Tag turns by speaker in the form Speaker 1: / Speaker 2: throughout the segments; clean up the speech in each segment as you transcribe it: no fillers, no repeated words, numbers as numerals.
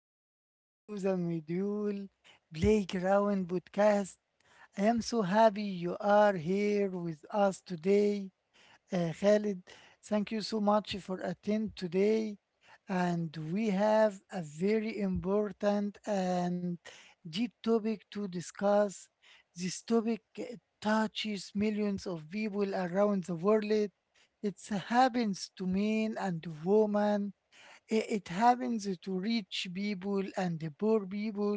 Speaker 1: welcome to the Medul Playground podcast. I am so happy you are here with us today. Khalid, thank you so much for attend today. And we have a very important and deep topic to discuss. This topic touches millions of people around the world. It happens to men and women. It happens to rich people and the poor people.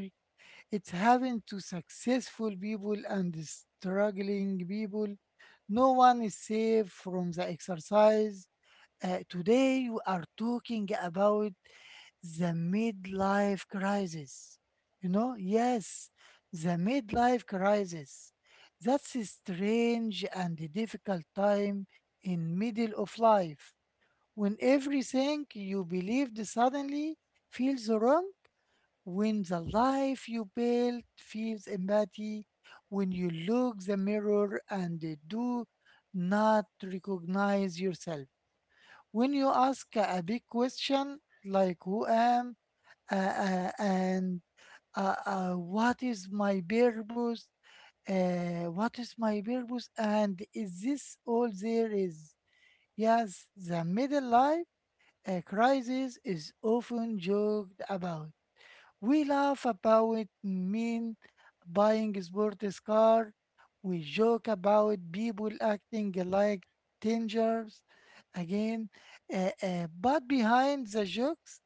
Speaker 1: It happens to successful people and struggling people. No one is safe from the exercise. Today, we are talking about the midlife crisis. You know, yes, the midlife crisis. That's a strange and difficult time in middle of life when everything you believed suddenly feels wrong, when the life you built feels empty, when you look the mirror and do not recognize yourself, when you ask a big question like who am and what is my purpose? What is my purpose? And is this all there is? Yes, the middle life a crisis is often joked about. We laugh about men buying sports cars. We joke about people acting like teenagers. Again, but behind the jokes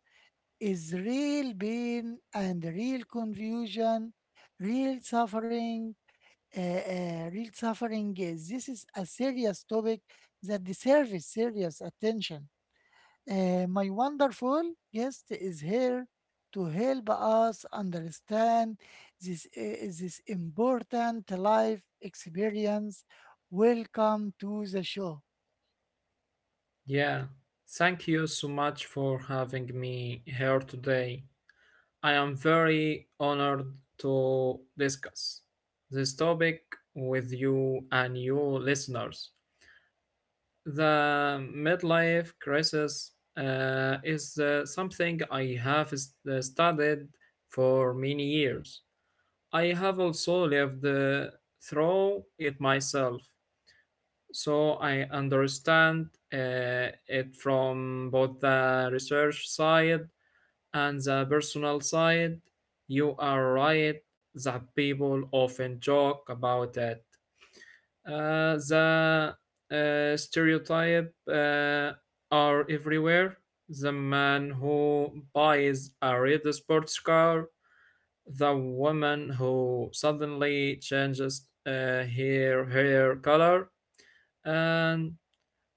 Speaker 1: is real pain and real confusion, real suffering. Real suffering is this is a serious topic that deserves serious attention. My wonderful guest is here to help us understand this important life experience. Welcome to the show.
Speaker 2: Yeah, thank you so much for having me here today. I am very honored to discuss this topic with you and your listeners. The midlife crisis is something I have studied for many years. I have also lived through it myself, so I understand it from both the research side and the personal side. You are right that people often joke about it. The stereotype are everywhere. The man who buys a red sports car, the woman who suddenly changes her hair color, and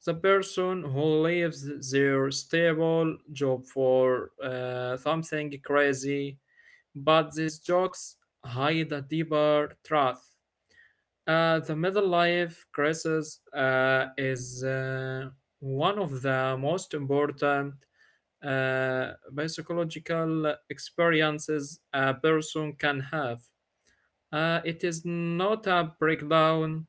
Speaker 2: the person who leaves their stable job for something crazy, but these jokes hide a deeper truth. The middle life crisis is one of the most important uh, psychological experiences a person can have. It is not a breakdown,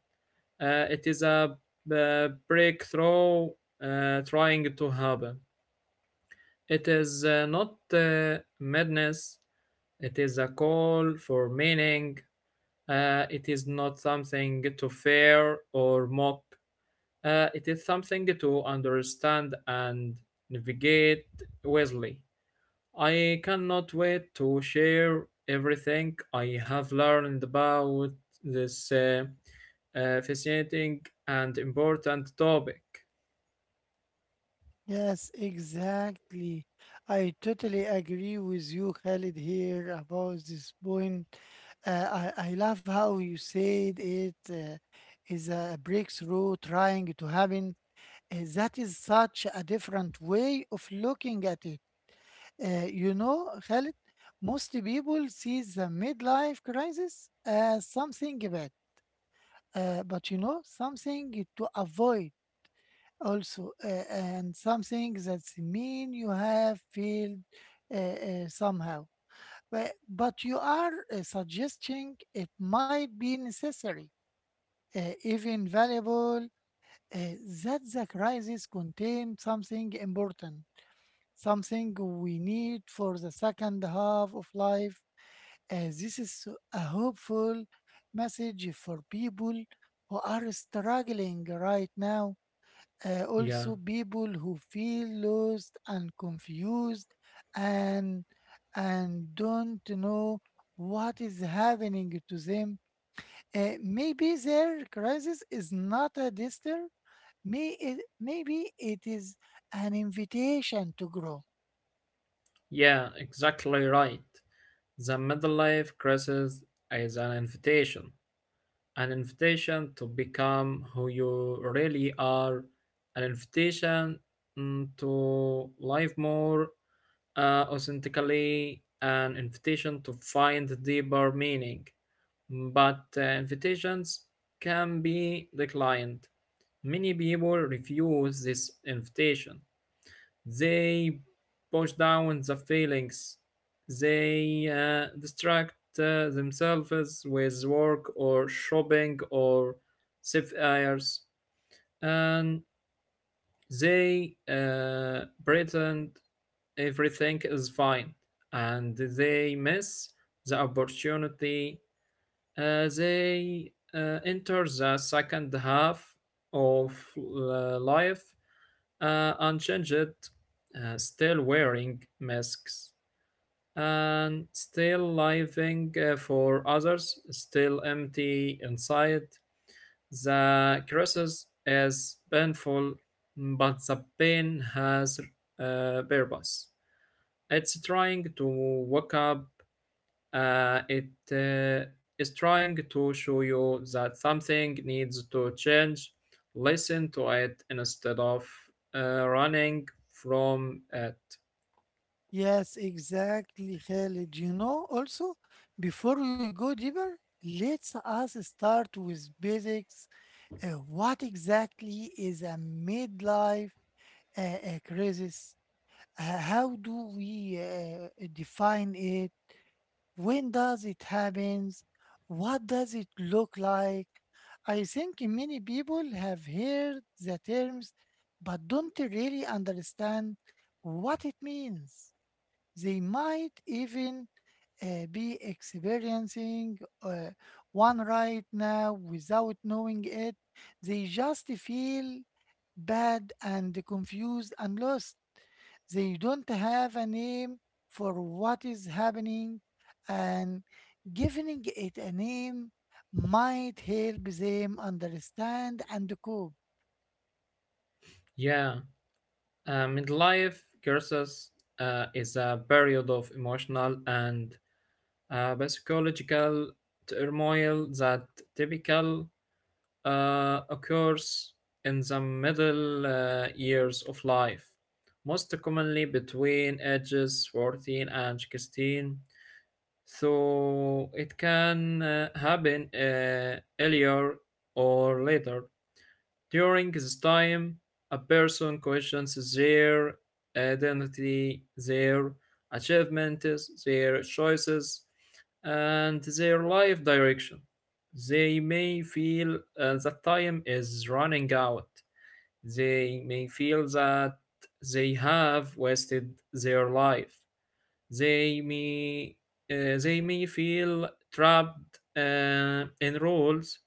Speaker 2: it is a breakthrough trying to happen. It is not madness, it is a call for meaning. It is not something to fear or mock. It is something to understand and navigate wisely. I cannot wait to share everything I have learned about this fascinating and important topic.
Speaker 1: Yes, exactly. I totally agree with you, Khalid, here about this point. I love how you said it is a breakthrough trying to happen. That is such a different way of looking at it. You know, Khalid, most people see the midlife crisis as something bad, but you know, something to avoid also, and something that's mean you have failed somehow. But you are suggesting it might be necessary, uh, even valuable, uh, that the crisis contains something important. Something we need for the second half of life. This is so- a hopeful message for people who are struggling right now.
Speaker 2: Yeah,
Speaker 1: Also, people who feel lost and confused and and don't know what is happening to them. Maybe their crisis is not a disaster. Maybe it is an invitation to grow.
Speaker 2: yeah, exactly right. The midlife crisis is an invitation to become who you really are, an invitation to live more authentically, an invitation to find deeper meaning. But invitations can be declined. Many people refuse this invitation. They push down the feelings. They distract themselves with work or shopping or self-airs. And they pretend everything is fine. And they miss the opportunity. They enter the second half of life unchanged, still wearing masks, and still living for others, still empty inside. The crisis is painful, but the pain has a purpose. It's trying to wake up. It is trying to show you that something needs to change. Listen to it instead of running from it.
Speaker 1: Yes, exactly, Khalid. You know, also, before we go deeper, let's us start with basics. What exactly is a midlife crisis? How do we define it? When does it happen? What does it look like? I think many people have heard the terms, but don't really understand what it means. They might even be experiencing one right now without knowing it. They just feel bad and confused and lost. They don't have a name for what is happening, and giving it a name might help them understand and cope.
Speaker 2: Yeah, midlife crisis is a period of emotional and psychological turmoil that typical occurs in the middle years of life, most commonly between ages 14 and 16. So it can happen earlier or later. During this time, a person questions their identity, their achievements, their choices, and their life direction. They may feel that time is running out. They may feel that they have wasted their life. They may, they may feel trapped in rules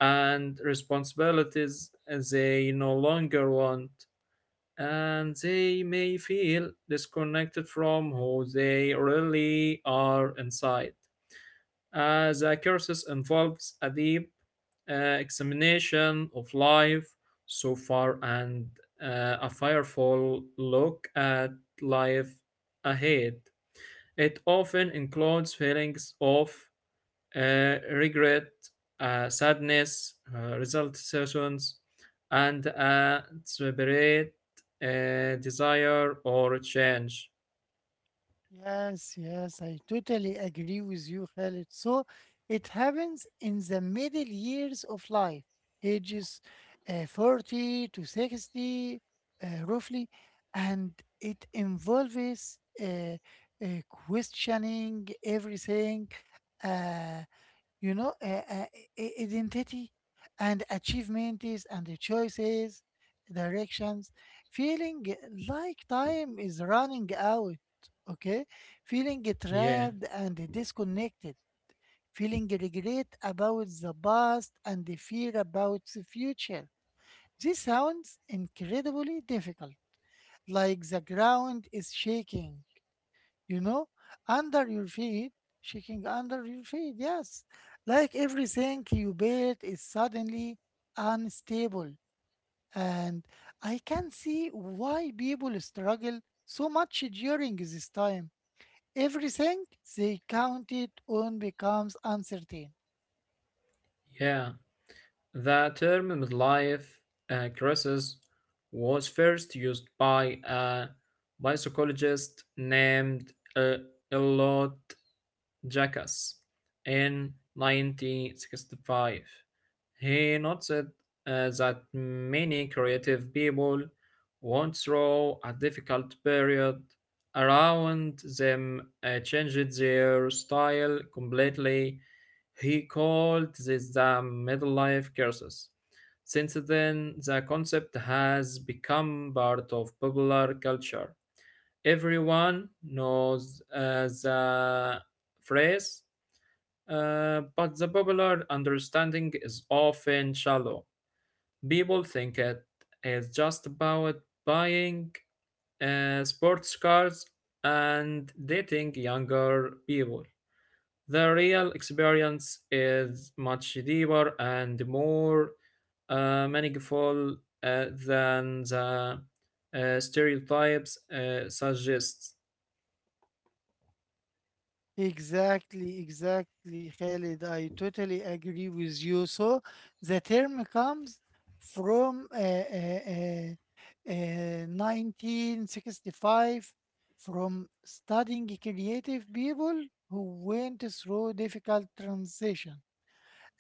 Speaker 2: and responsibilities they no longer want, and they may feel disconnected from who they really are inside. As a cursus involves a deep examination of life so far and a fireful look at life ahead. It often includes feelings of regret, sadness, result sessions, and a separate desire or change.
Speaker 1: Yes, yes, I totally agree with you, Khalid. So it happens in the middle years of life, ages 40 to 60, roughly, and it involves questioning everything. Uh, you know, identity and achievements and the choices, directions, feeling like time is running out, okay? Feeling
Speaker 2: Yeah,
Speaker 1: trapped and disconnected, feeling regret about the past and the fear about the future. This sounds incredibly difficult, like the ground is shaking, you know, under your feet, shaking under your feet. Yes, like everything you built is suddenly unstable, and I can see why people struggle so much during this time. Everything they counted on becomes uncertain.
Speaker 2: yeah. The term midlife crisis was first used by a psychologist named Elliot Jackass in 1965. He noted that many creative people went through a difficult period around them changed their style completely. He called this the middle life crisis. Since then, the concept has become part of popular culture. Everyone knows the phrase, but the popular understanding is often shallow. People think it is just about buying sports cars and dating younger people. The real experience is much deeper and more meaningful than the stereotypes suggest.
Speaker 1: Exactly, exactly, Khalid. I totally agree with you. So the term comes from uh, 1965 from studying creative people who went through difficult transition.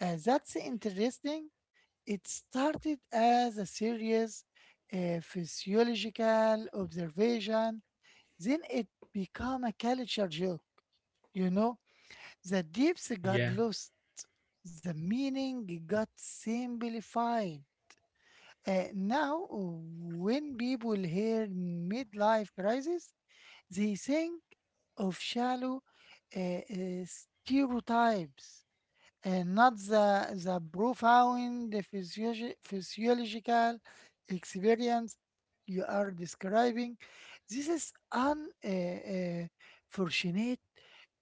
Speaker 1: That's interesting. It started as a serious physiological observation, then it became a culture joke. You know, the depths got
Speaker 2: Yeah.
Speaker 1: lost. The meaning got simplified. Now, when people hear midlife crisis, they think of shallow uh, uh, stereotypes and not the profound physiological experience you are describing. This is unfortunate,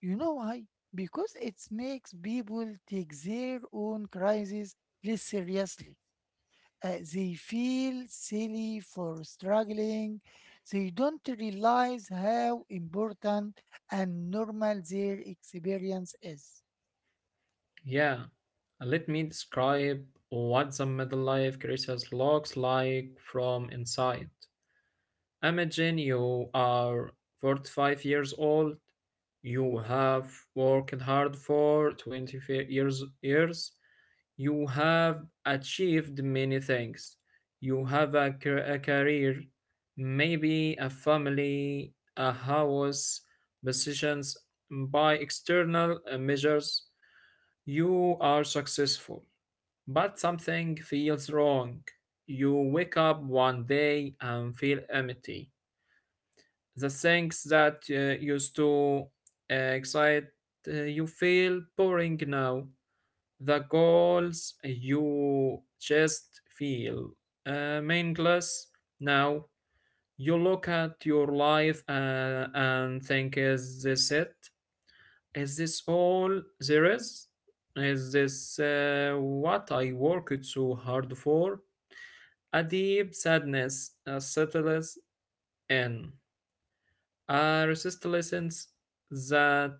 Speaker 1: you know why? Because it makes people take their own crises less seriously. They feel silly for struggling. They don't realize how important and normal their experience is.
Speaker 2: Yeah. Let me describe what the middle life crisis looks like from inside. Imagine you are 45 years old, you have worked hard for twenty-five years, you have achieved many things, you have a career, maybe a family, a house, positions. By external measures you are successful, but something feels wrong. You wake up one day and feel empty. The things that used to excite you feel boring now. The goals you just feel meaningless now. You look at your life and think, is this it? Is this all there is? Is this what I worked so hard for? A deep sadness settles in, a resistance that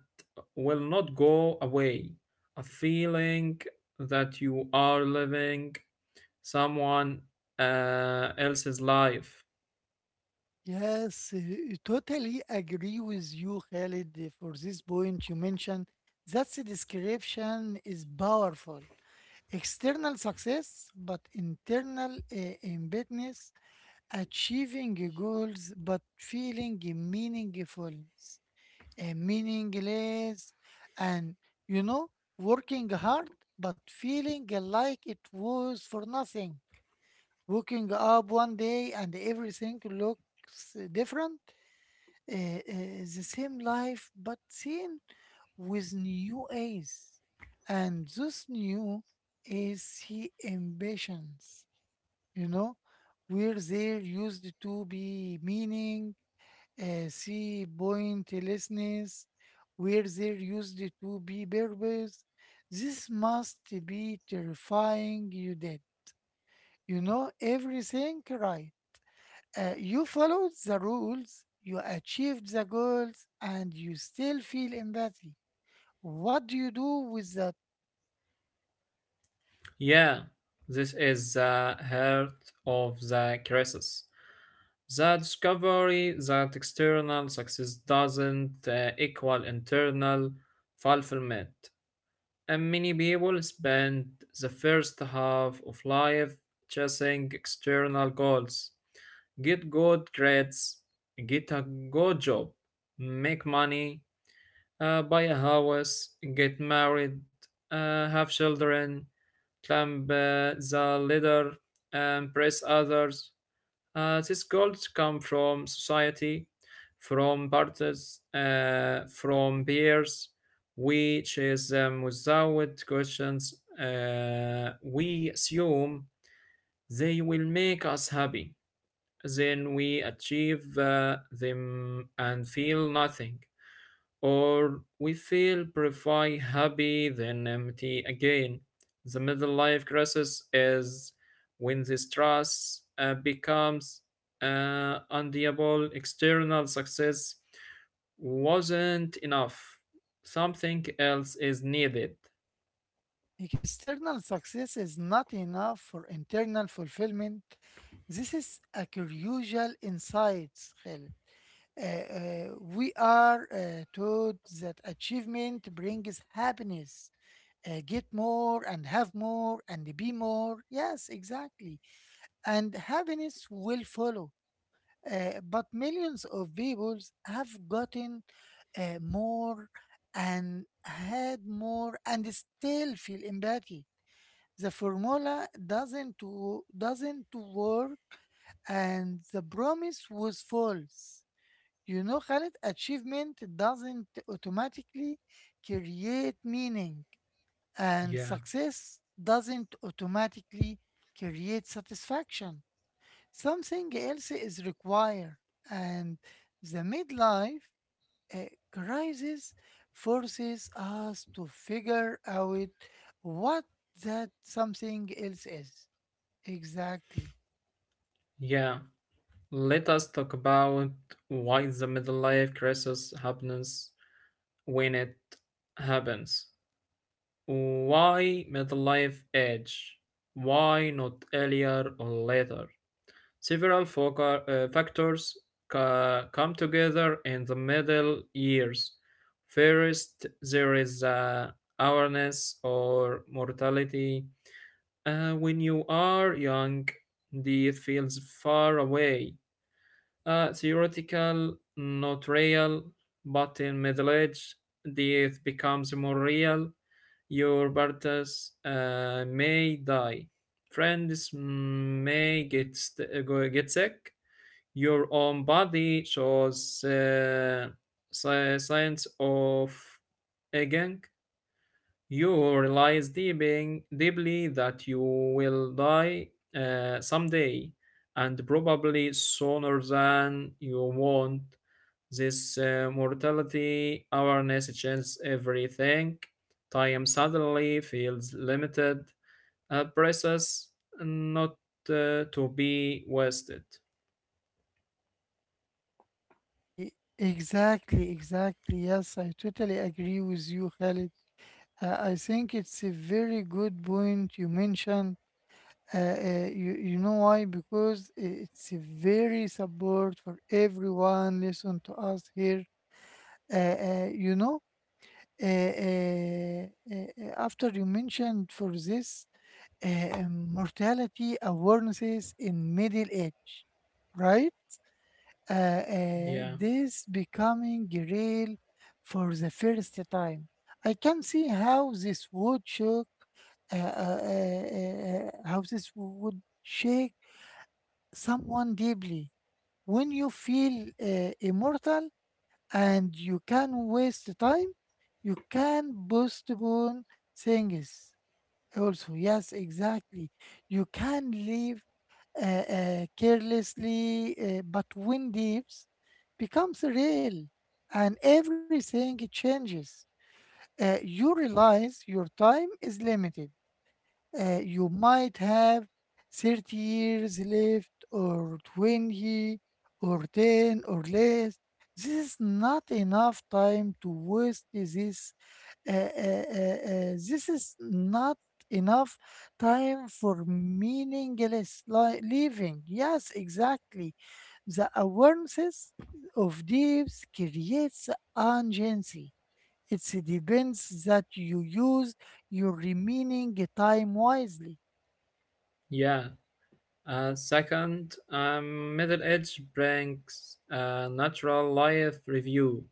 Speaker 2: will not go away, a feeling that you are living someone else's life.
Speaker 1: Yes, totally agree with you, Khalid, for this point you mentioned. That description is powerful. External success, but internal embeddedness. Achieving goals but feeling meaningless, and you know, working hard but feeling like it was for nothing. Waking up one day and everything looks different, the same life but seen with new eyes, and this new is the ambitions, you know, where there used to be meaning, see pointlessness, where there used to be purpose. This must be terrifying. You did, you know, everything right. You followed the rules, you achieved the goals, and you still feel empathy. What do you do with the
Speaker 2: Yeah, this is the heart of the crisis. The discovery that external success doesn't equal internal fulfillment. And many people spend the first half of life chasing external goals. Get good grades, get a good job, make money, buy a house, get married, have children, climb the ladder, and impress others. These goals come from society, from parties, from peers. We chase them without questions. We assume they will make us happy. Then we achieve them and feel nothing, or we feel purify happy then empty again. The middle life crisis is when this trust becomes undeable. External success wasn't enough. Something else is needed.
Speaker 1: external success is not enough for internal fulfillment. This is a crucial insight, Khaled. We are taught that achievement brings happiness. Get more and have more and be more. Yes, exactly. And happiness will follow. But millions of people have gotten more and had more and still feel empathy the formula doesn't work and the promise was false. You know, Khalid, achievement doesn't automatically create meaning and
Speaker 2: Yeah,
Speaker 1: success doesn't automatically create satisfaction. Something else is required and the midlife uh, crisis forces us to figure out what that something else is. Exactly.
Speaker 2: yeah. Let us talk about why the middle life crisis happens when it happens. Why midlife age? Why not earlier or later? Several factors come together in the middle years. First, there is awareness or mortality. When you are young, death feels far away. Theoretical, not real, but in middle age, death becomes more real. Your partners may die. Friends may get sick. Your own body shows signs of aging. You realize deeply that you will die someday, and probably sooner than you want. This mortality awareness changes everything. Time suddenly feels limited, precious, not to be wasted.
Speaker 1: Re- Exactly, exactly. Yes, I totally agree with you, Khalid. I think it's a very good point you mentioned. You know why? Because it's a very support for everyone. Listen to us here. Uh, uh, you know, After you mentioned for this mortality awarenesses in middle age, right?
Speaker 2: Yeah,
Speaker 1: This becoming real for the first time. I can see how this would shock, how this would shake someone deeply. When you feel immortal and you can waste time, you can postpone things. Also, yes, exactly. You can leave carelessly, but when leaves becomes real and everything changes, you realize your time is limited. You might have 30 years left or 20 or 10 or less. This is not enough time to waste this. This is not enough time for meaningless living. Yes, exactly. The awareness of this creates urgency. It's the depends that you use your remaining time wisely.
Speaker 2: yeah. Second, middle age brings a natural life review.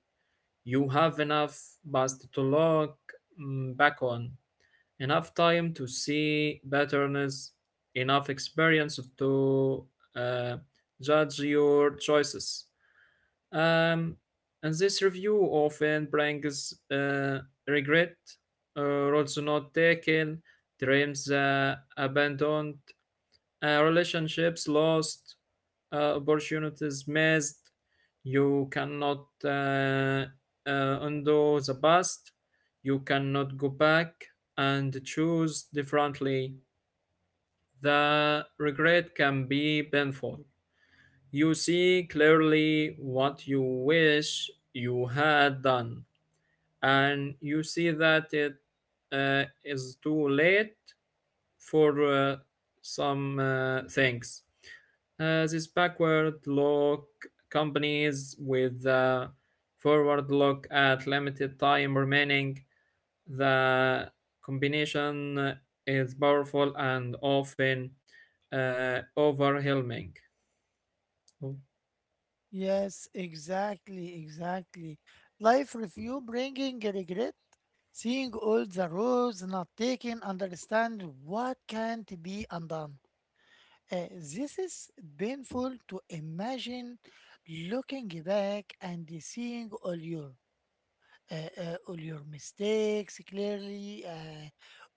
Speaker 2: You have enough past to look back on, enough time to see patterns, enough experience to uh, judge your choices. Um, and this review often brings regret, uh, roads not taken, dreams abandoned, relationships lost, opportunities missed. You cannot undo the past. You cannot go back and choose differently. The regret can be painful. You see clearly what you wish you had done, and you see that it is too late for some things. This backward look companies with the forward look at limited time remaining. The combination is powerful and often overwhelming. Oh,
Speaker 1: Yes, exactly, exactly. Life review bringing regret, seeing all the roads not taken, understand what can't be undone. This is painful to imagine looking back and seeing all your mistakes clearly,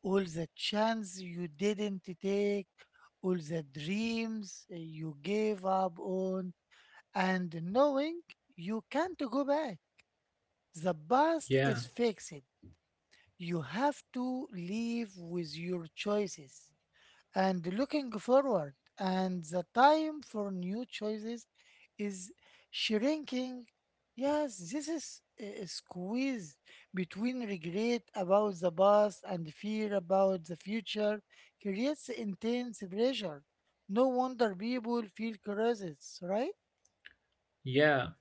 Speaker 1: all the chance you didn't take, all the dreams you gave up on, and knowing you can't go back. The past is
Speaker 2: yeah,
Speaker 1: fixed. You have to live with your choices and looking forward, and the time for new choices is shrinking. Yes, this is a squeeze between regret about the past and fear about the future creates intense pressure. No wonder people feel crisis, right?
Speaker 2: yeah.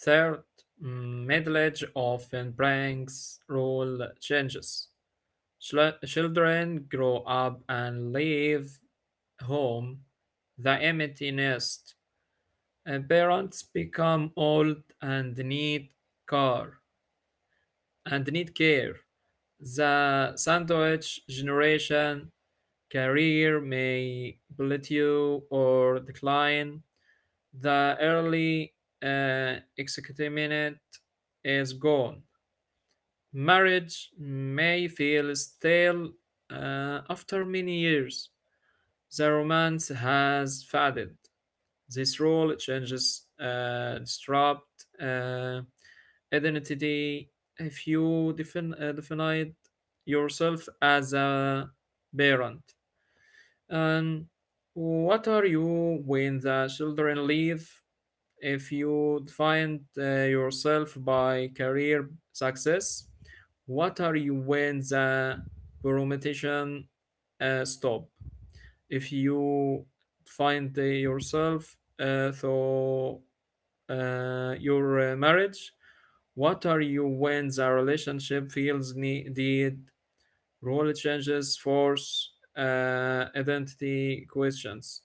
Speaker 2: Third, middle age often brings role changes. Children grow up and leave home, the empty nest. Parents become old and need care and need care. The sandwich generation career may plateau or decline. The early excitement is gone. Marriage may feel stale after many years. The romance has faded. This rule changes disrupt identity if you definite yourself as a parent. And what are you when the children leave? If you define yourself by career success, what are you when the promotion stop? If you find yourself through your marriage? What are you when the relationship feels needed? Role changes, force, identity questions.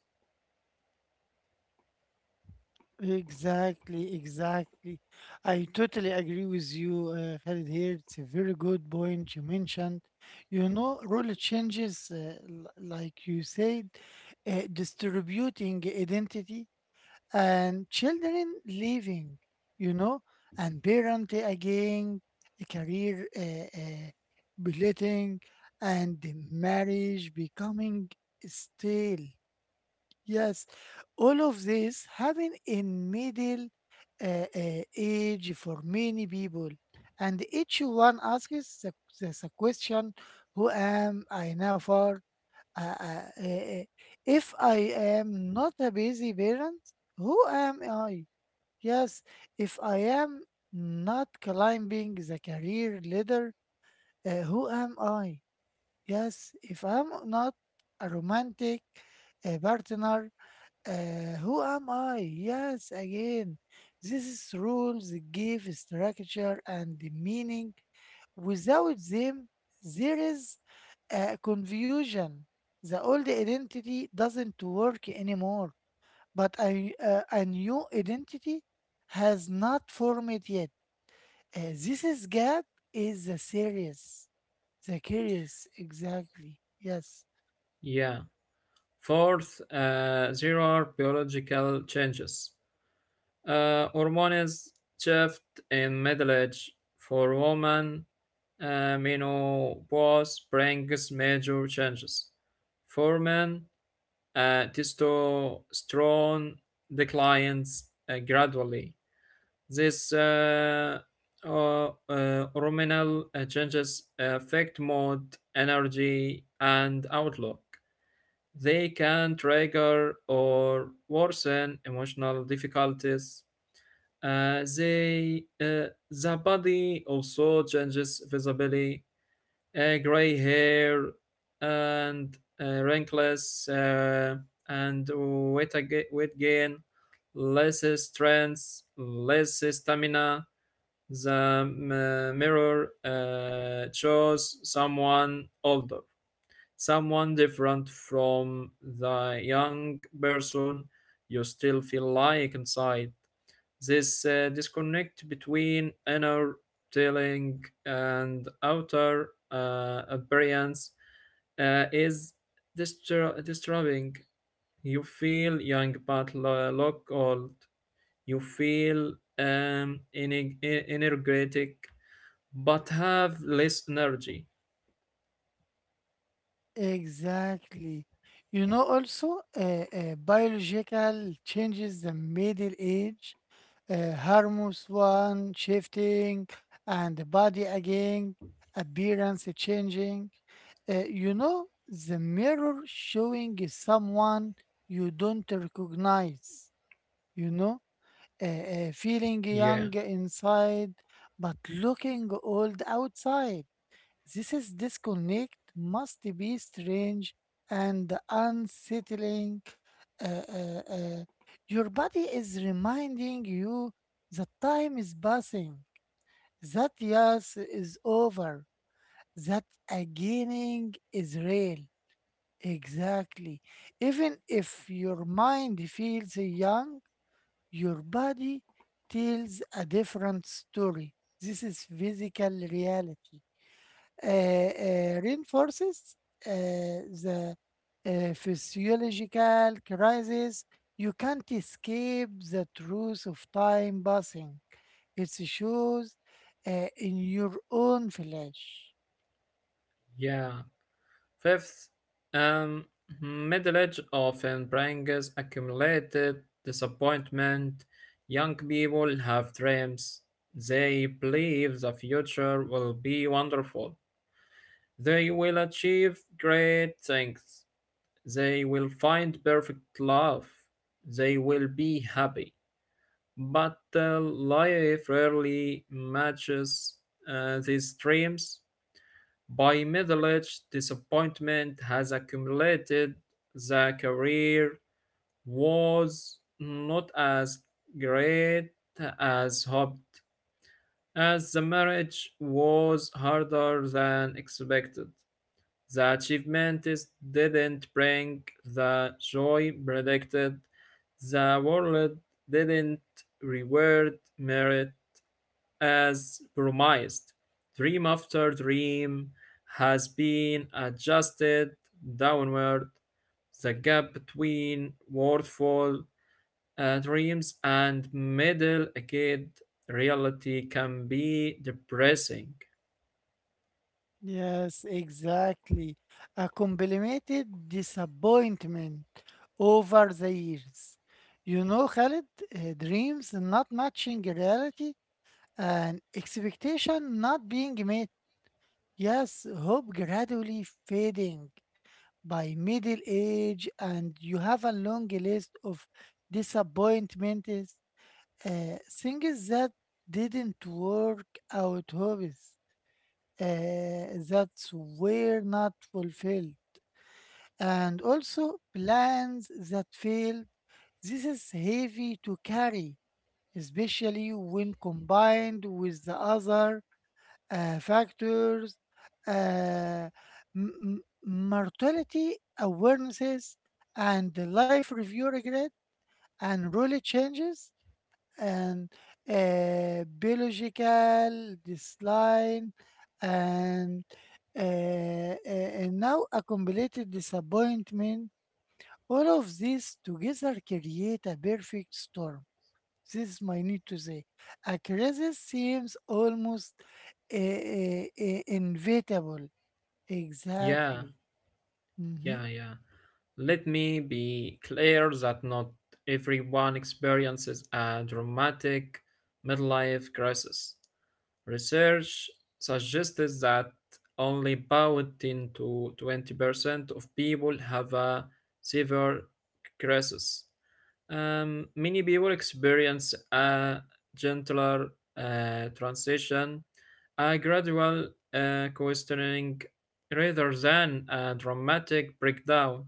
Speaker 1: Exactly, exactly. I totally agree with you, Khalid here. It's a very good point you mentioned. You know, role changes, like you said, distributing identity and children leaving, you know, and parent again, a career belating, and the marriage becoming stale. Yes, all of this happen in middle age for many people, and each one asks the question, "Who am I now for? Uh, uh, uh, uh, if I am not a busy parent, who am I? Yes, if I am not climbing the career ladder, who am I? Yes, if I'm not a romantic partner." Who am I? Yes, again, this is rules give structure and meaning. Without them, there is confusion. The old identity doesn't work anymore, but a new identity has not formed yet. This is God is the serious, the curious, exactly. Yes.
Speaker 2: Yeah. Fourth, there are biological changes. Hormones shift in middle age for women. Menopause brings major changes. For men, testosterone declines gradually. This uh, hormonal changes affect mood, energy, and outlook. They can trigger or worsen emotional difficulties. The body also changes visibly, gray hair and wrinkles and weight, weight gain, less strength, less stamina. The mirror shows someone older, someone different from the young person you still feel like inside. This disconnect between inner telling and outer appearance is disturbing. You feel young but look old. You feel energetic but have less energy.
Speaker 1: Exactly. You know, also, biological changes the middle age, hormones one shifting, and the body again, appearance changing. You know, the mirror showing is someone you don't recognize, you know, feeling
Speaker 2: Yeah,
Speaker 1: young inside, but looking old outside. This is disconnect must be strange and unsettling. Uh, uh, uh, Your body is reminding you that time is passing, that yes is over, that againing is real. Exactly. Even if your mind feels young, your body tells a different story. This is physical reality reinforces the physiological crisis. You can't escape the truth of time passing. It shows in your own flesh.
Speaker 2: yeah. Fifth, um, middle age often brings accumulated disappointment. Young people have dreams. They believe the future will be wonderful. They will achieve great things. They will find perfect love. They will be happy. But life rarely matches these dreams. By middle age, disappointment has accumulated. The career was not as great as hoped, as the marriage was harder than expected. The achievements didn't bring the joy predicted. The world didn't reward merit as promised. Dream after dream has been adjusted downward. The gap between worthwhile dreams and middle aged reality can be depressing.
Speaker 1: Yes, exactly. A complemented disappointment over the years. You know, Khalid, dreams not matching reality and expectation not being met. Yes, hope gradually fading by middle age, and you have a long list of disappointments, things that didn't work out, hobbies that were not fulfilled, and also plans that failed. This is heavy to carry, especially when combined with the other factors, uh, mortality awarenesses, and the life review regret, and rule changes, and biological decline, and and now accumulated disappointment. All of these together create a perfect storm, this is my need to say. A crisis seems almost inevitable.
Speaker 2: Yeah,
Speaker 1: Exactly. Hmm.
Speaker 2: yeah. Let me be clear that not everyone experiences a dramatic midlife crisis. Research suggested that only about 10 to 20% of people have a severe crisis. Many people experience a gentler transition, a gradual questioning rather than a dramatic breakdown.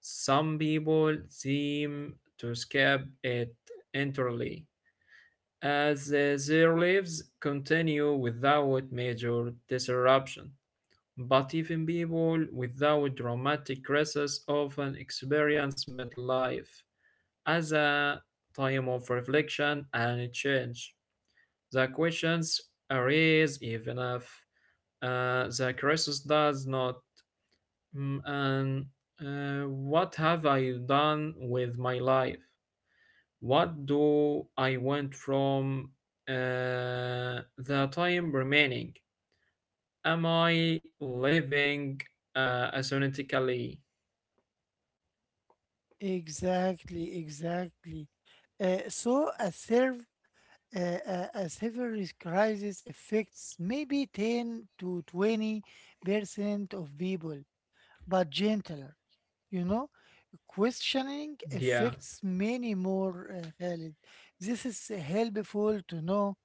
Speaker 2: Some people seem to escape it entirely, as their lives continue without major disruption. But even people without dramatic crisis often experience midlife as a time of reflection and change. The questions arise even if the crisis does not. And what have I done with my life? What do I want from the time remaining? Am I living asynchronously?
Speaker 1: Exactly, exactly. Uh, so a serve uh, a severance crisis affects maybe 10 to 20% of people, but gentler. You know, questioning
Speaker 2: Yeah,
Speaker 1: affects many more, Khalid. This is helpful to know,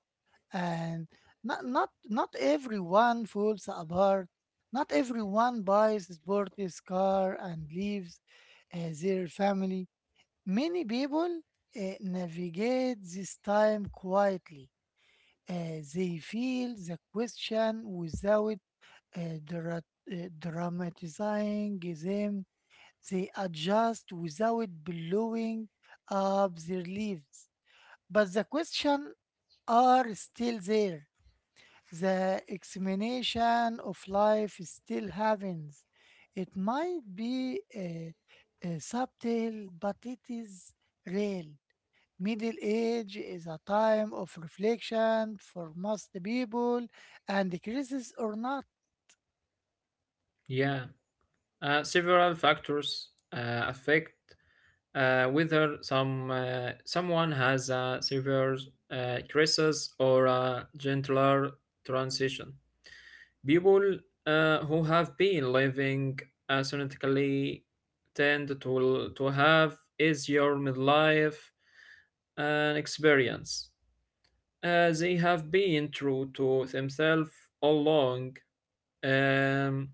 Speaker 1: and not everyone falls apart. Not everyone buys a sporty car and leaves their family. Many people navigate this time quietly. They feel the question without uh, dra- dramatizing them. They adjust without blowing up their lives. But the question are still there, the examination of life still happens. It might be subtle, but it is real. Middle age is a time of reflection for most people, and crisis or not.
Speaker 2: yeah. Several factors affect whether someone has a severe crisis or a gentler transition. People who have been living ascetically tend to have easier midlife and experience. They have been true to themselves all along. Um,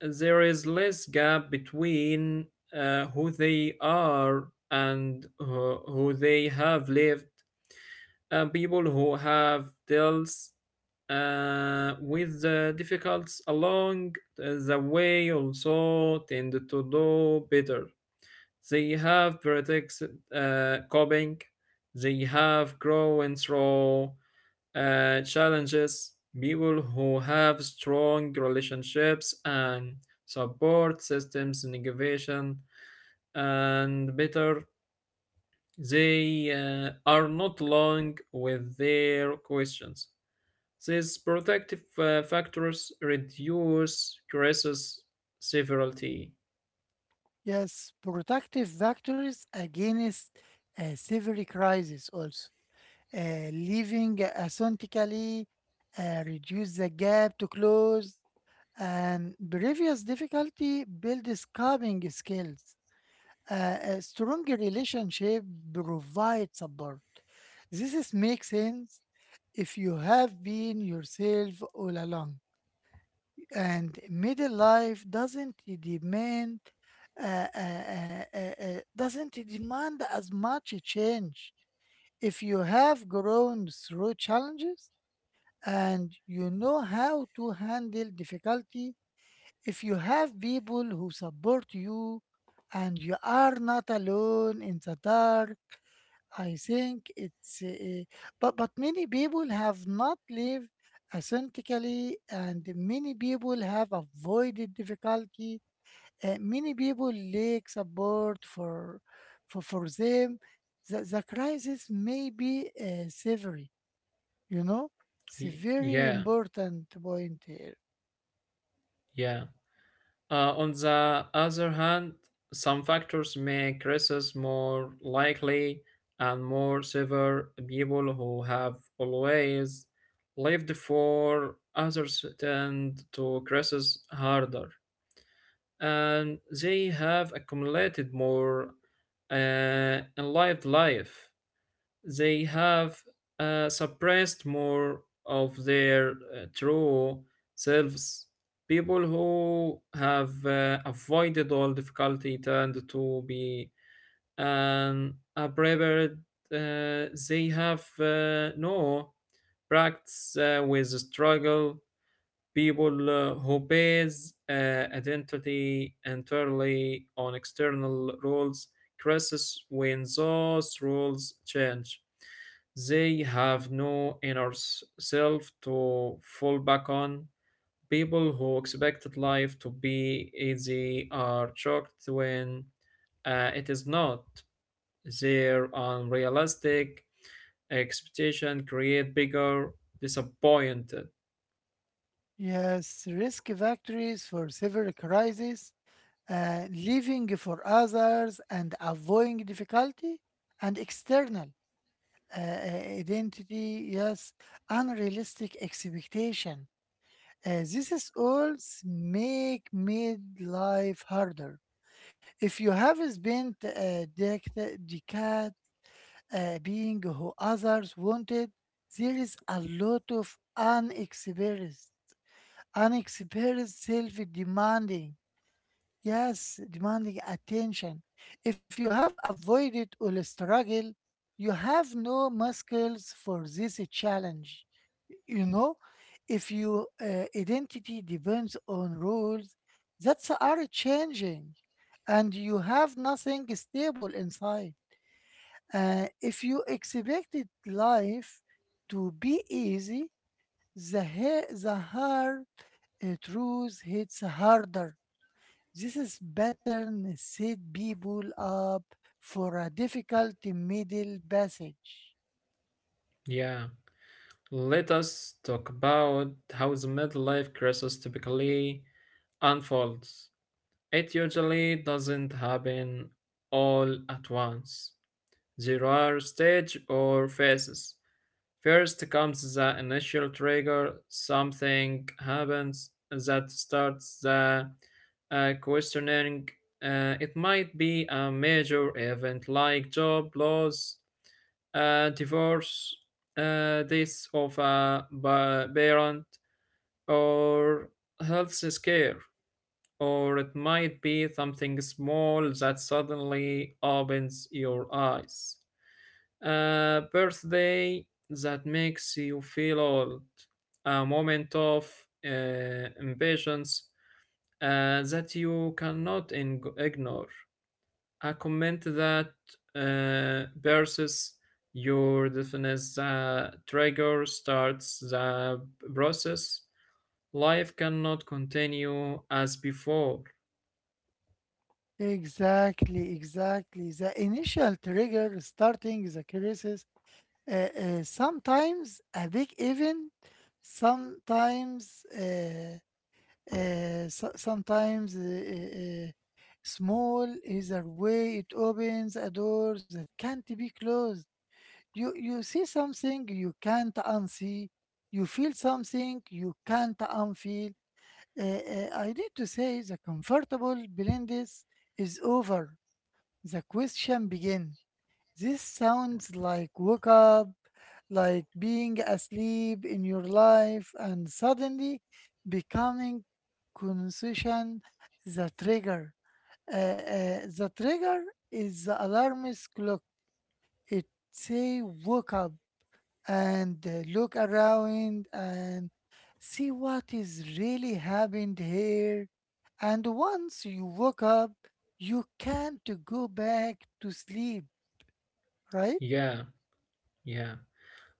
Speaker 2: there is less gap between who they are and who they have lived people who have dealt with the difficulties along the way also tend to do better. They have practiced coping, they have grown through challenges. People who have strong relationships and support systems, innovation, and better, they are not long with their questions these protective factors reduce crisis severity.
Speaker 1: Yes, protective factors against severe crisis also. Living authentically reduce the gap to close, and previous difficulty builds coping skills. A strong relationship provides support. This is makes sense if you have been yourself all along. And middle life uh, uh, uh, uh, doesn't demand as much change. If you have grown through challenges and you know how to handle difficulty, if you have people who support you and you are not alone in the dark, I think it's but many people have not lived authentically, and many people have avoided difficulty. Many people lack support for them. The crisis may be severe, you know? It's a very
Speaker 2: Yeah,
Speaker 1: important point here.
Speaker 2: yeah. On the other hand, some factors make crises more likely and more severe. People who have always lived for others tend to crisis harder, and they have accumulated more enlivened life. They have suppressed more of their true selves. People who have avoided all difficulty tend to be an unprepared. They have no practice with struggle people who base identity entirely on external rules crisis when those rules change they have no inner self to fall back on people who expected life to be easy are shocked when it is not their unrealistic expectation create bigger disappointed
Speaker 1: Yes, risk factories for severe crises, living for others and avoiding difficulty, and external identity, yes, unrealistic expectation. This is all make midlife harder. If you have spent a decade being who others wanted, there is a lot of unexperienced. Unexperienced, self demanding. Yes, demanding attention. If you have avoided or struggle, you have no muscles for this challenge. You know, if your identity depends on rules that are changing and you have nothing stable inside. If you expected life to be easy, the hard truth hits harder. This is pattern set people up for a difficult middle passage.
Speaker 2: yeah. Let us talk about how the midlife crisis typically unfolds. It usually doesn't happen all at once. There are stages or phases. First comes the initial trigger, something happens that starts the questioning. It might be a major event like job loss, divorce, death of a parent, or health scare, or it might be something small that suddenly opens your eyes. A birthday that makes you feel old, a moment of impatience that you cannot ignore. I comment that versus your defines the trigger starts the process. Life cannot continue as before.
Speaker 1: Exactly, exactly. The initial trigger starting the crisis, sometimes a big event, sometimes uh, so- sometimes uh, uh, uh, small. Either way, it opens a door that can't be closed. You see something you can't unsee, you feel something you can't unfeel. I need to say the comfortable blindness is over, the question begin. This sounds like wake up, like being asleep in your life and suddenly becoming conscious. The trigger Uh, uh, the trigger is the alarmist clock. It say wake up and look around and see what is really happened here. And once you woke up, you can't go back to sleep, right?
Speaker 2: Yeah, yeah.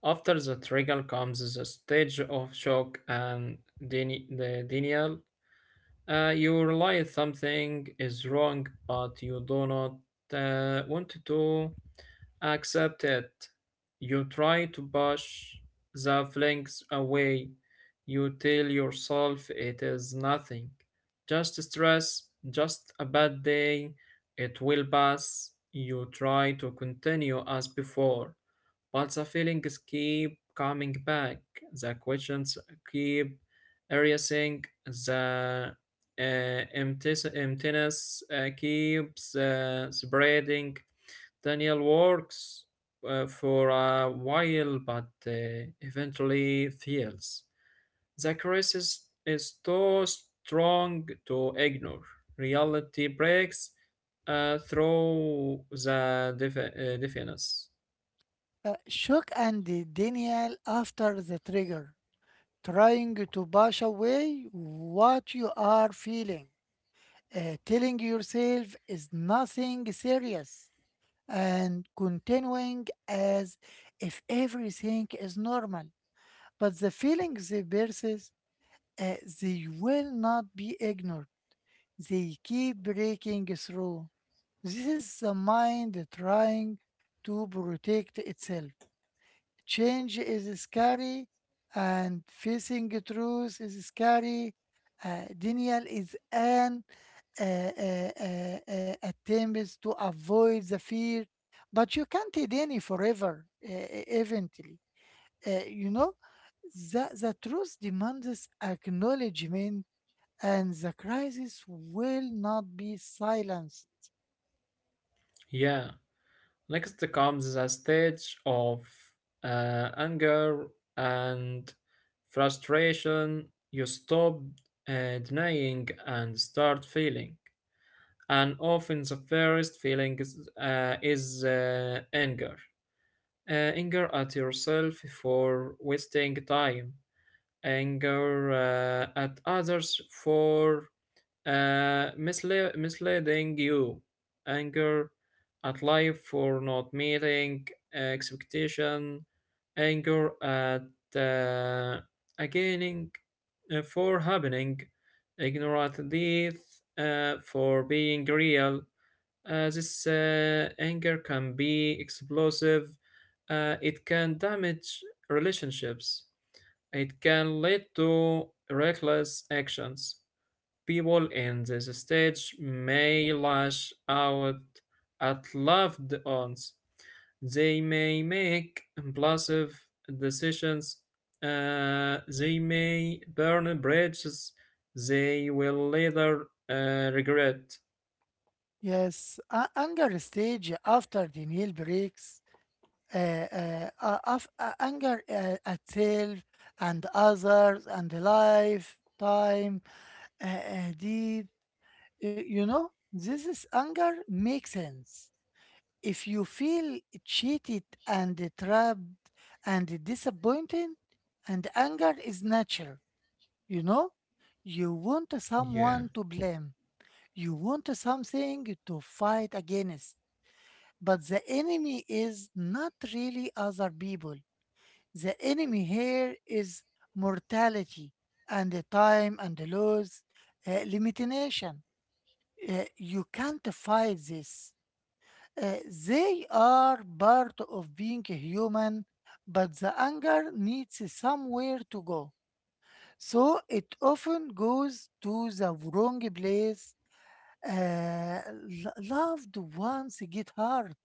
Speaker 2: After the trigger comes the stage of shock and the denial. You realize something is wrong, but you do not want to. Accept it. You try to push the feelings away. You tell yourself it is nothing. Just stress, just a bad day. It will pass. You try to continue as before. But the feelings keep coming back. The questions keep erasing. The emptiness keeps spreading. Daniel works for a while but eventually fails. The crisis is too strong to ignore. Reality breaks through the defi defense.
Speaker 1: Shock and Daniel after the trigger, trying to push away what you are feeling, telling yourself is nothing serious, and continuing as if everything is normal. But the feelings they persist, uh, they will not be ignored. They keep breaking through. This is the mind trying to protect itself. Change is scary, and facing truth is scary. Denial is an attempt to avoid the fear, but you can't deny forever, uh, eventually. You know, the truth demands acknowledgement, and the crisis will not be silenced.
Speaker 2: Yeah. Next comes the stage of anger and frustration. You stop denying and start feeling. And often the first feeling is anger. Anger at yourself for wasting time, anger at others for misleading you, anger at life for not meeting expectation, anger at uh, again for happening, ignorant death for being real this anger can be explosive. It can damage relationships. It can lead to reckless actions. People in this stage may lash out at loved ones. They may make impulsive decisions. They may burn bridges. They will later regret.
Speaker 1: Yes, anger stage after the nail breaks, uh, anger at self and others and life, time, deed. You know, this is anger makes sense. If you feel cheated and trapped and disappointed, and anger is natural, you know. You want
Speaker 2: Yeah,
Speaker 1: someone to blame, you want something to fight against, but the enemy is not really other people. The enemy here is mortality and the time and the laws limitation. Uh, you can't fight this, uh, they are part of being human, but the anger needs somewhere to go. So it often goes to the wrong place. Uh, Loved ones get hurt,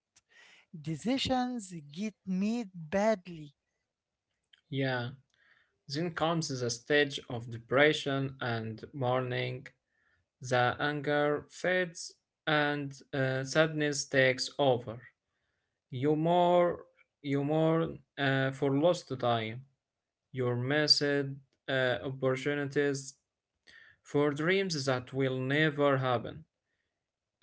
Speaker 1: decisions get made badly.
Speaker 2: yeah. Then comes the stage of depression and mourning. The anger fades and sadness takes over. You mourn, you mourn for lost time, your missed opportunities, for dreams that will never happen,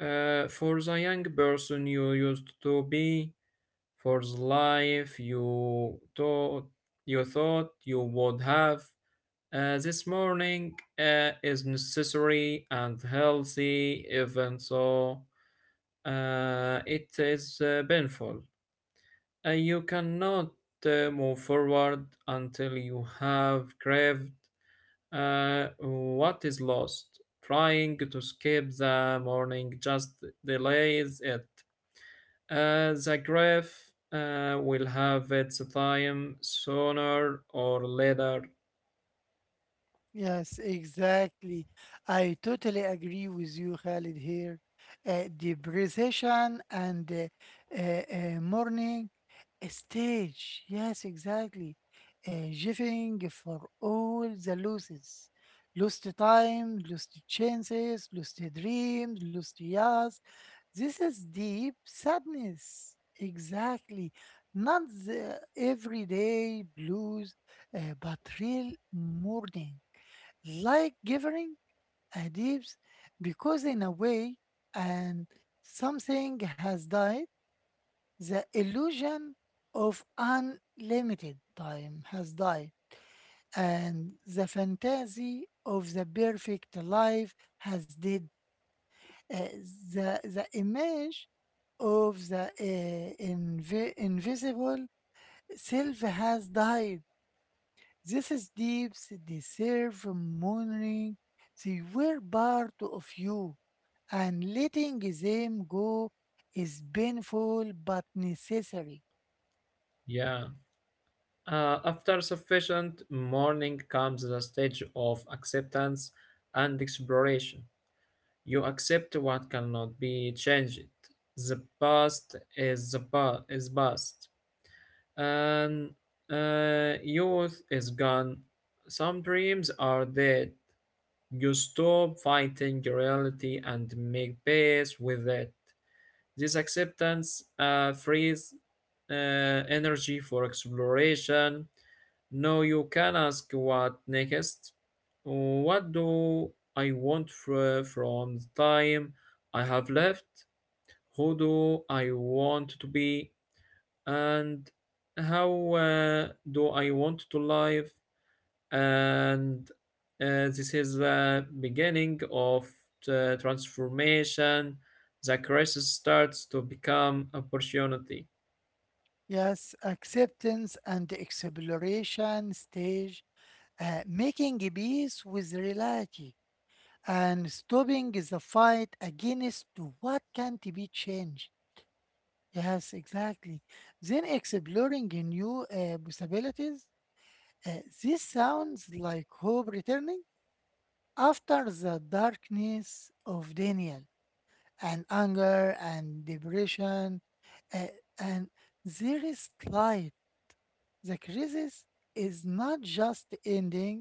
Speaker 2: for the young person you used to be, for the life you thought you would have. This morning is necessary and healthy, even though it is painful. You cannot move forward until you have craved what is lost. Trying to skip the morning just delays it. The grave will have its time sooner or later.
Speaker 1: Yes, exactly. I totally agree with you, Khalid, here. The precision and the morning stage. Yes, exactly. Giving for all the losses. Lost time, lost chances, lost dreams, lost years. This is deep sadness. Exactly. Not the everyday blues, but real mourning like giving a, because in a way, and something has died. The illusion of unlimited time has died, and the fantasy of the perfect life has did. Uh, the, the image of the invisible self has died. This is deep deserve mourning. They were part of you, and letting them go is painful but necessary.
Speaker 2: Yeah. After sufficient mourning comes the stage of acceptance and exploration. You accept what cannot be changed. The past is past, and youth is gone. Some dreams are dead. You stop fighting reality and make peace with it. This acceptance frees energy for exploration no, you can ask what next. What do I want from the time I have left? Who do I want to be? And how do I want to live? And this is the beginning of the transformation. The crisis starts to become opportunity.
Speaker 1: Yes, acceptance and exploration stage, making peace with reality and stopping the fight against what can't be changed. Yes, exactly. Then exploring new possibilities. This sounds like hope returning after the darkness of Daniel and anger and depression. uh, and there is light. The crisis is not just ending,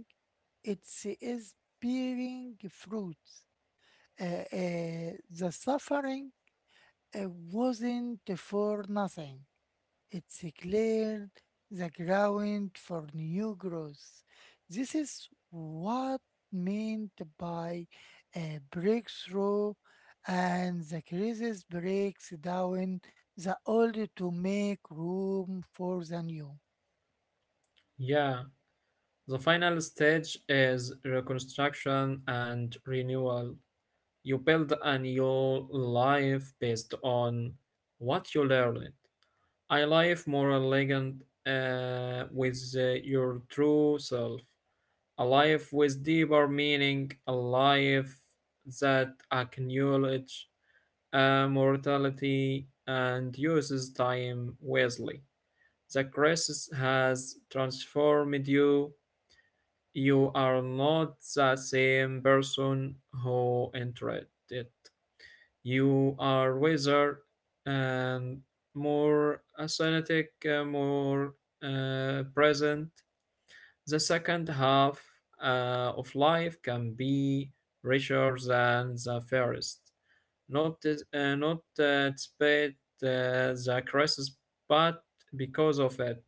Speaker 1: it is bearing fruit. The suffering wasn't for nothing. It's cleared the ground for new growth. This is what meant by a breakthrough, and the crisis breaks down the old to make room for the new.
Speaker 2: Yeah. The final stage is reconstruction and renewal. You build a new life based on what you learned. A life more elegant with your true self. A life with deeper meaning. A life that acknowledges mortality and uses time wisely. The crisis has transformed you you are not the same person who entered it. You are wiser and more athletic, more present. The second half of life can be richer than the first. Not despite the crisis, but because of it,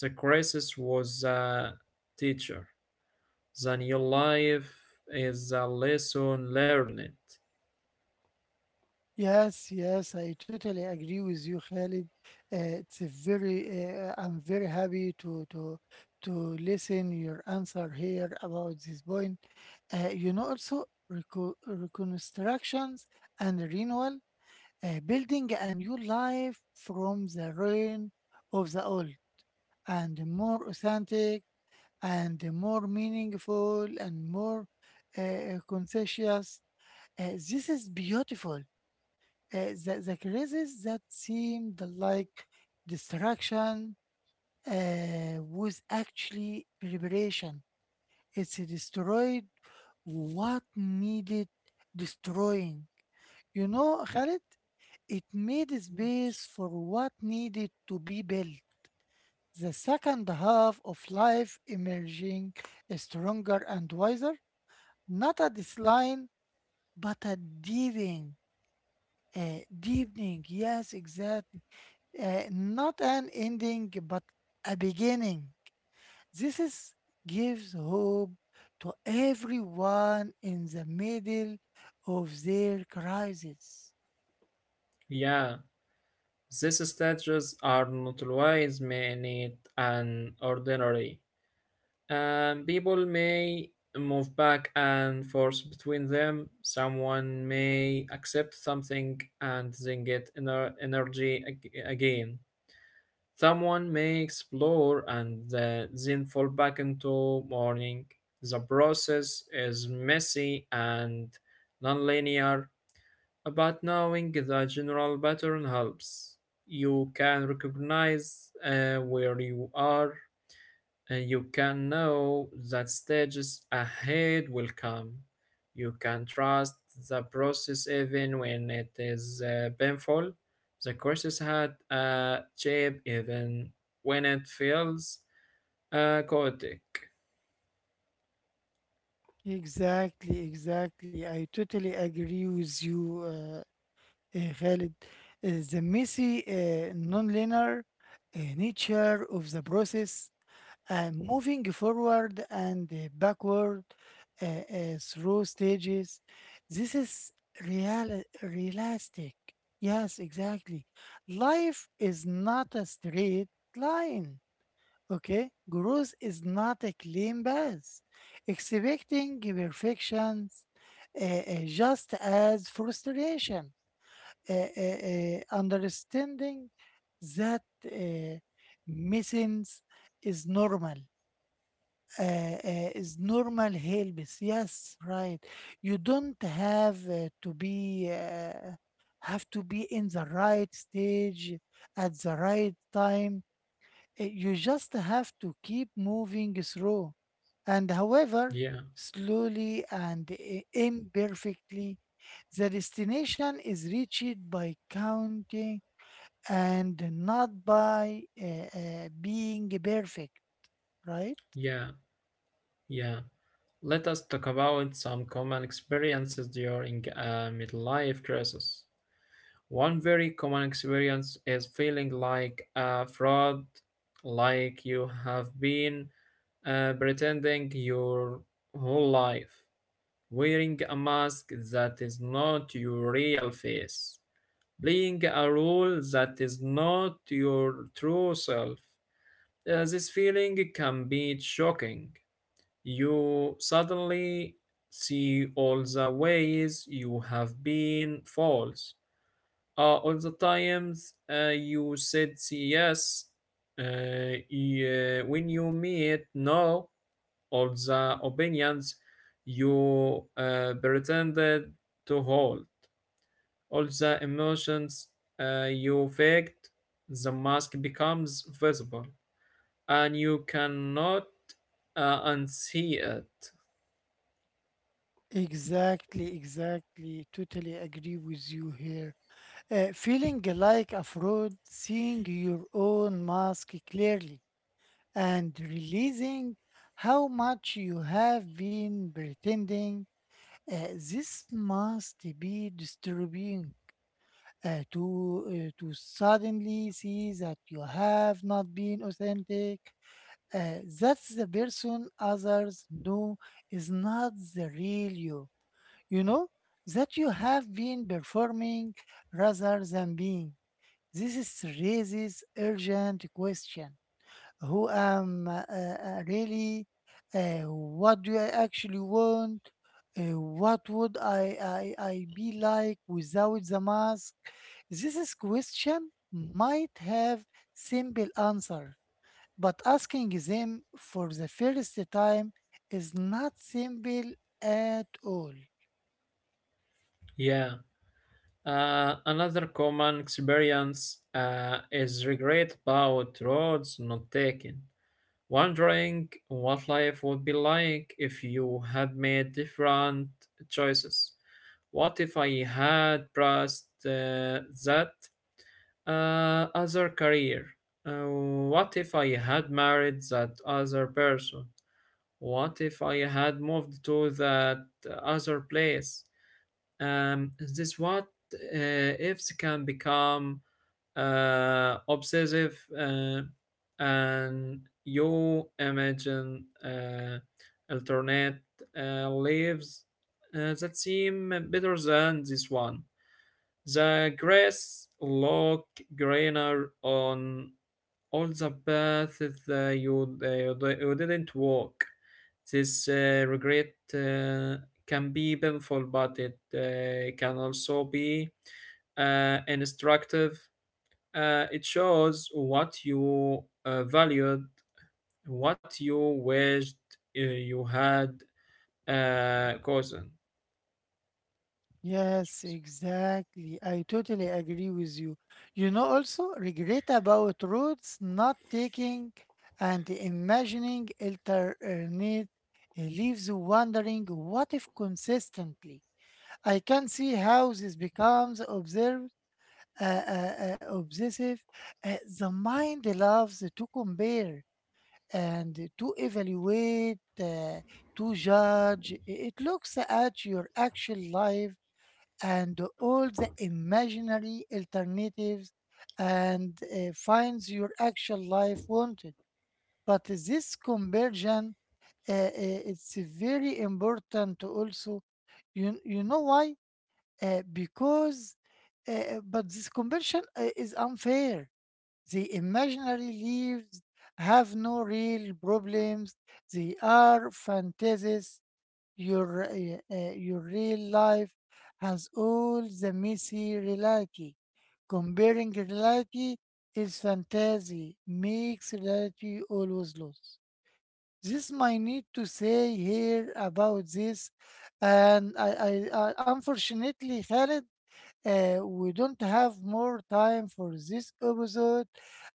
Speaker 2: the crisis was a teacher. The new life is a lesson learned.
Speaker 1: Yes, yes, I totally agree with you, Khalid. It's a very, I'm very happy to to listen your answer here about this point. You know, also reconstructions and renewal, building a new life from the ruin of the old, and more authentic, and more meaningful, and more conscious. This is beautiful. The crisis that seemed like distraction was actually preparation. It's destroyed what needed destroying. You know, Khalid, it made space for what needed to be built. The second half of life emerging stronger and wiser, not a decline, but a deepening. Deepening, yes, exactly. Not an ending, but a beginning. This is, gives hope to everyone in the middle of their crisis.
Speaker 2: Yeah, these statues are not always made and ordinary. And people may move back and forth between them. Someone may accept something and then get energy again. Someone may explore and then fall back into mourning. The process is messy and nonlinear. But knowing the general pattern helps. You can recognize where you are, and you can know that stages ahead will come. You can trust the process even when it is painful. The courses had a shape even when it feels chaotic.
Speaker 1: Exactly, exactly. I totally agree with you, Khalid. The messy, nonlinear nature of the process, and moving forward and backward uh, through stages. This is real realistic. Yes, exactly. Life is not a straight line. Okay, growth is not a clean path. Expecting perfections just as frustration. Understanding that uh, missing is normal, is normal hair. Yes, right. You don't have to be have to be in the right stage at the right time. You just have to keep moving through, and however
Speaker 2: Yeah,
Speaker 1: slowly and imperfectly, the destination is reached by counting and not by being perfect. Right?
Speaker 2: yeah, yeah. Let us talk about some common experiences during a midlife crisis. One very common experience is feeling like a fraud, like you have been pretending your whole life, wearing a mask that is not your real face, playing a role that is not your true self. This feeling can be shocking. You suddenly see all the ways you have been false all the times you said yes, yeah, when you meet no, all the opinions you pretended to hold, all the emotions you faked, the mask becomes visible, and you cannot unsee it.
Speaker 1: Exactly, exactly. Totally agree with you here. Feeling like a fraud, seeing your own mask clearly, and realizing how much you have been pretending, this must be disturbing. To to suddenly see that you have not been authentic, that's the person others know is not the real you, you know, that you have been performing rather than being. This is raises urgent question. Who am really? What do I actually want? What would I be like without the mask? This is question might have simple answer, but asking them for the first time is not simple at all.
Speaker 2: Yeah. Another common experience is regret about roads not taken. Wondering what life would be like if you had made different choices. What if I had pressed that other career? What if I had married that other person? What if I had moved to that other place? This what ifs can become obsessive and you imagine alternate lives that seem better than this one. The grass look greener on all the paths that you didn't walk. This regret can be painful, but it can also be instructive it shows what you valued, what you wished you had, cousin.
Speaker 1: Yes, exactly. I totally agree with you. You know, also regret about roads not taking, and imagining alternate leaves wondering what if consistently. I can see how this becomes observed, obsessive. The mind loves to compare and to evaluate, uh, to judge. It looks at your actual life and all the imaginary alternatives, and finds your actual life wanted. But this conversion, it's very important to also, you know why? Because, but this conversion is unfair. The imaginary leaves have no real problems. They are fantasies, your, your real life has all the messy reality. Comparing reality is fantasy, makes reality always loose. This might need to say here about this, and I unfortunately, Khaled, we don't have more time for this episode.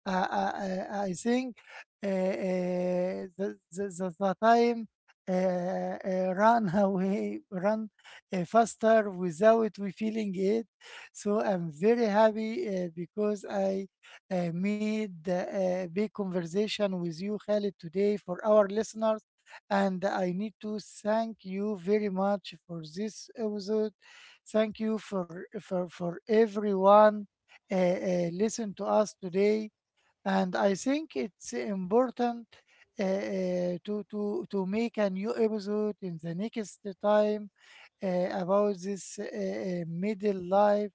Speaker 1: uh, uh, I think the time run away, run faster without we feeling it. So I'm very happy because I made a big conversation with you, Khalid, today for our listeners. And I need to thank you very much for this episode. Thank you for for everyone listen to us today. And I think it's important to to make a new episode in the next time about this middle life.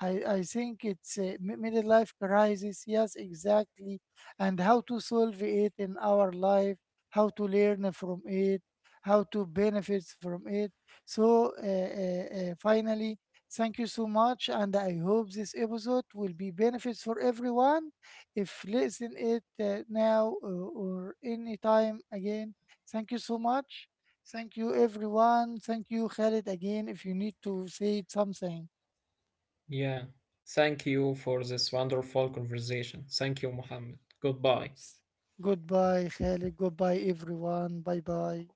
Speaker 1: I think it's a middle life crisis. Yes, exactly. And how to solve it in our life, how to learn from it, how to benefit from it. So, finally, thank you so much. And I hope this episode will be benefits for everyone. If listen it now, or any time again, thank you so much. Thank you, everyone. Thank you, Khalid, again. If you need to say something,
Speaker 2: Yeah. Thank you for this wonderful conversation. Thank you, Mohammed. Goodbye.
Speaker 1: goodbye, Khalid. Goodbye, everyone. Bye bye.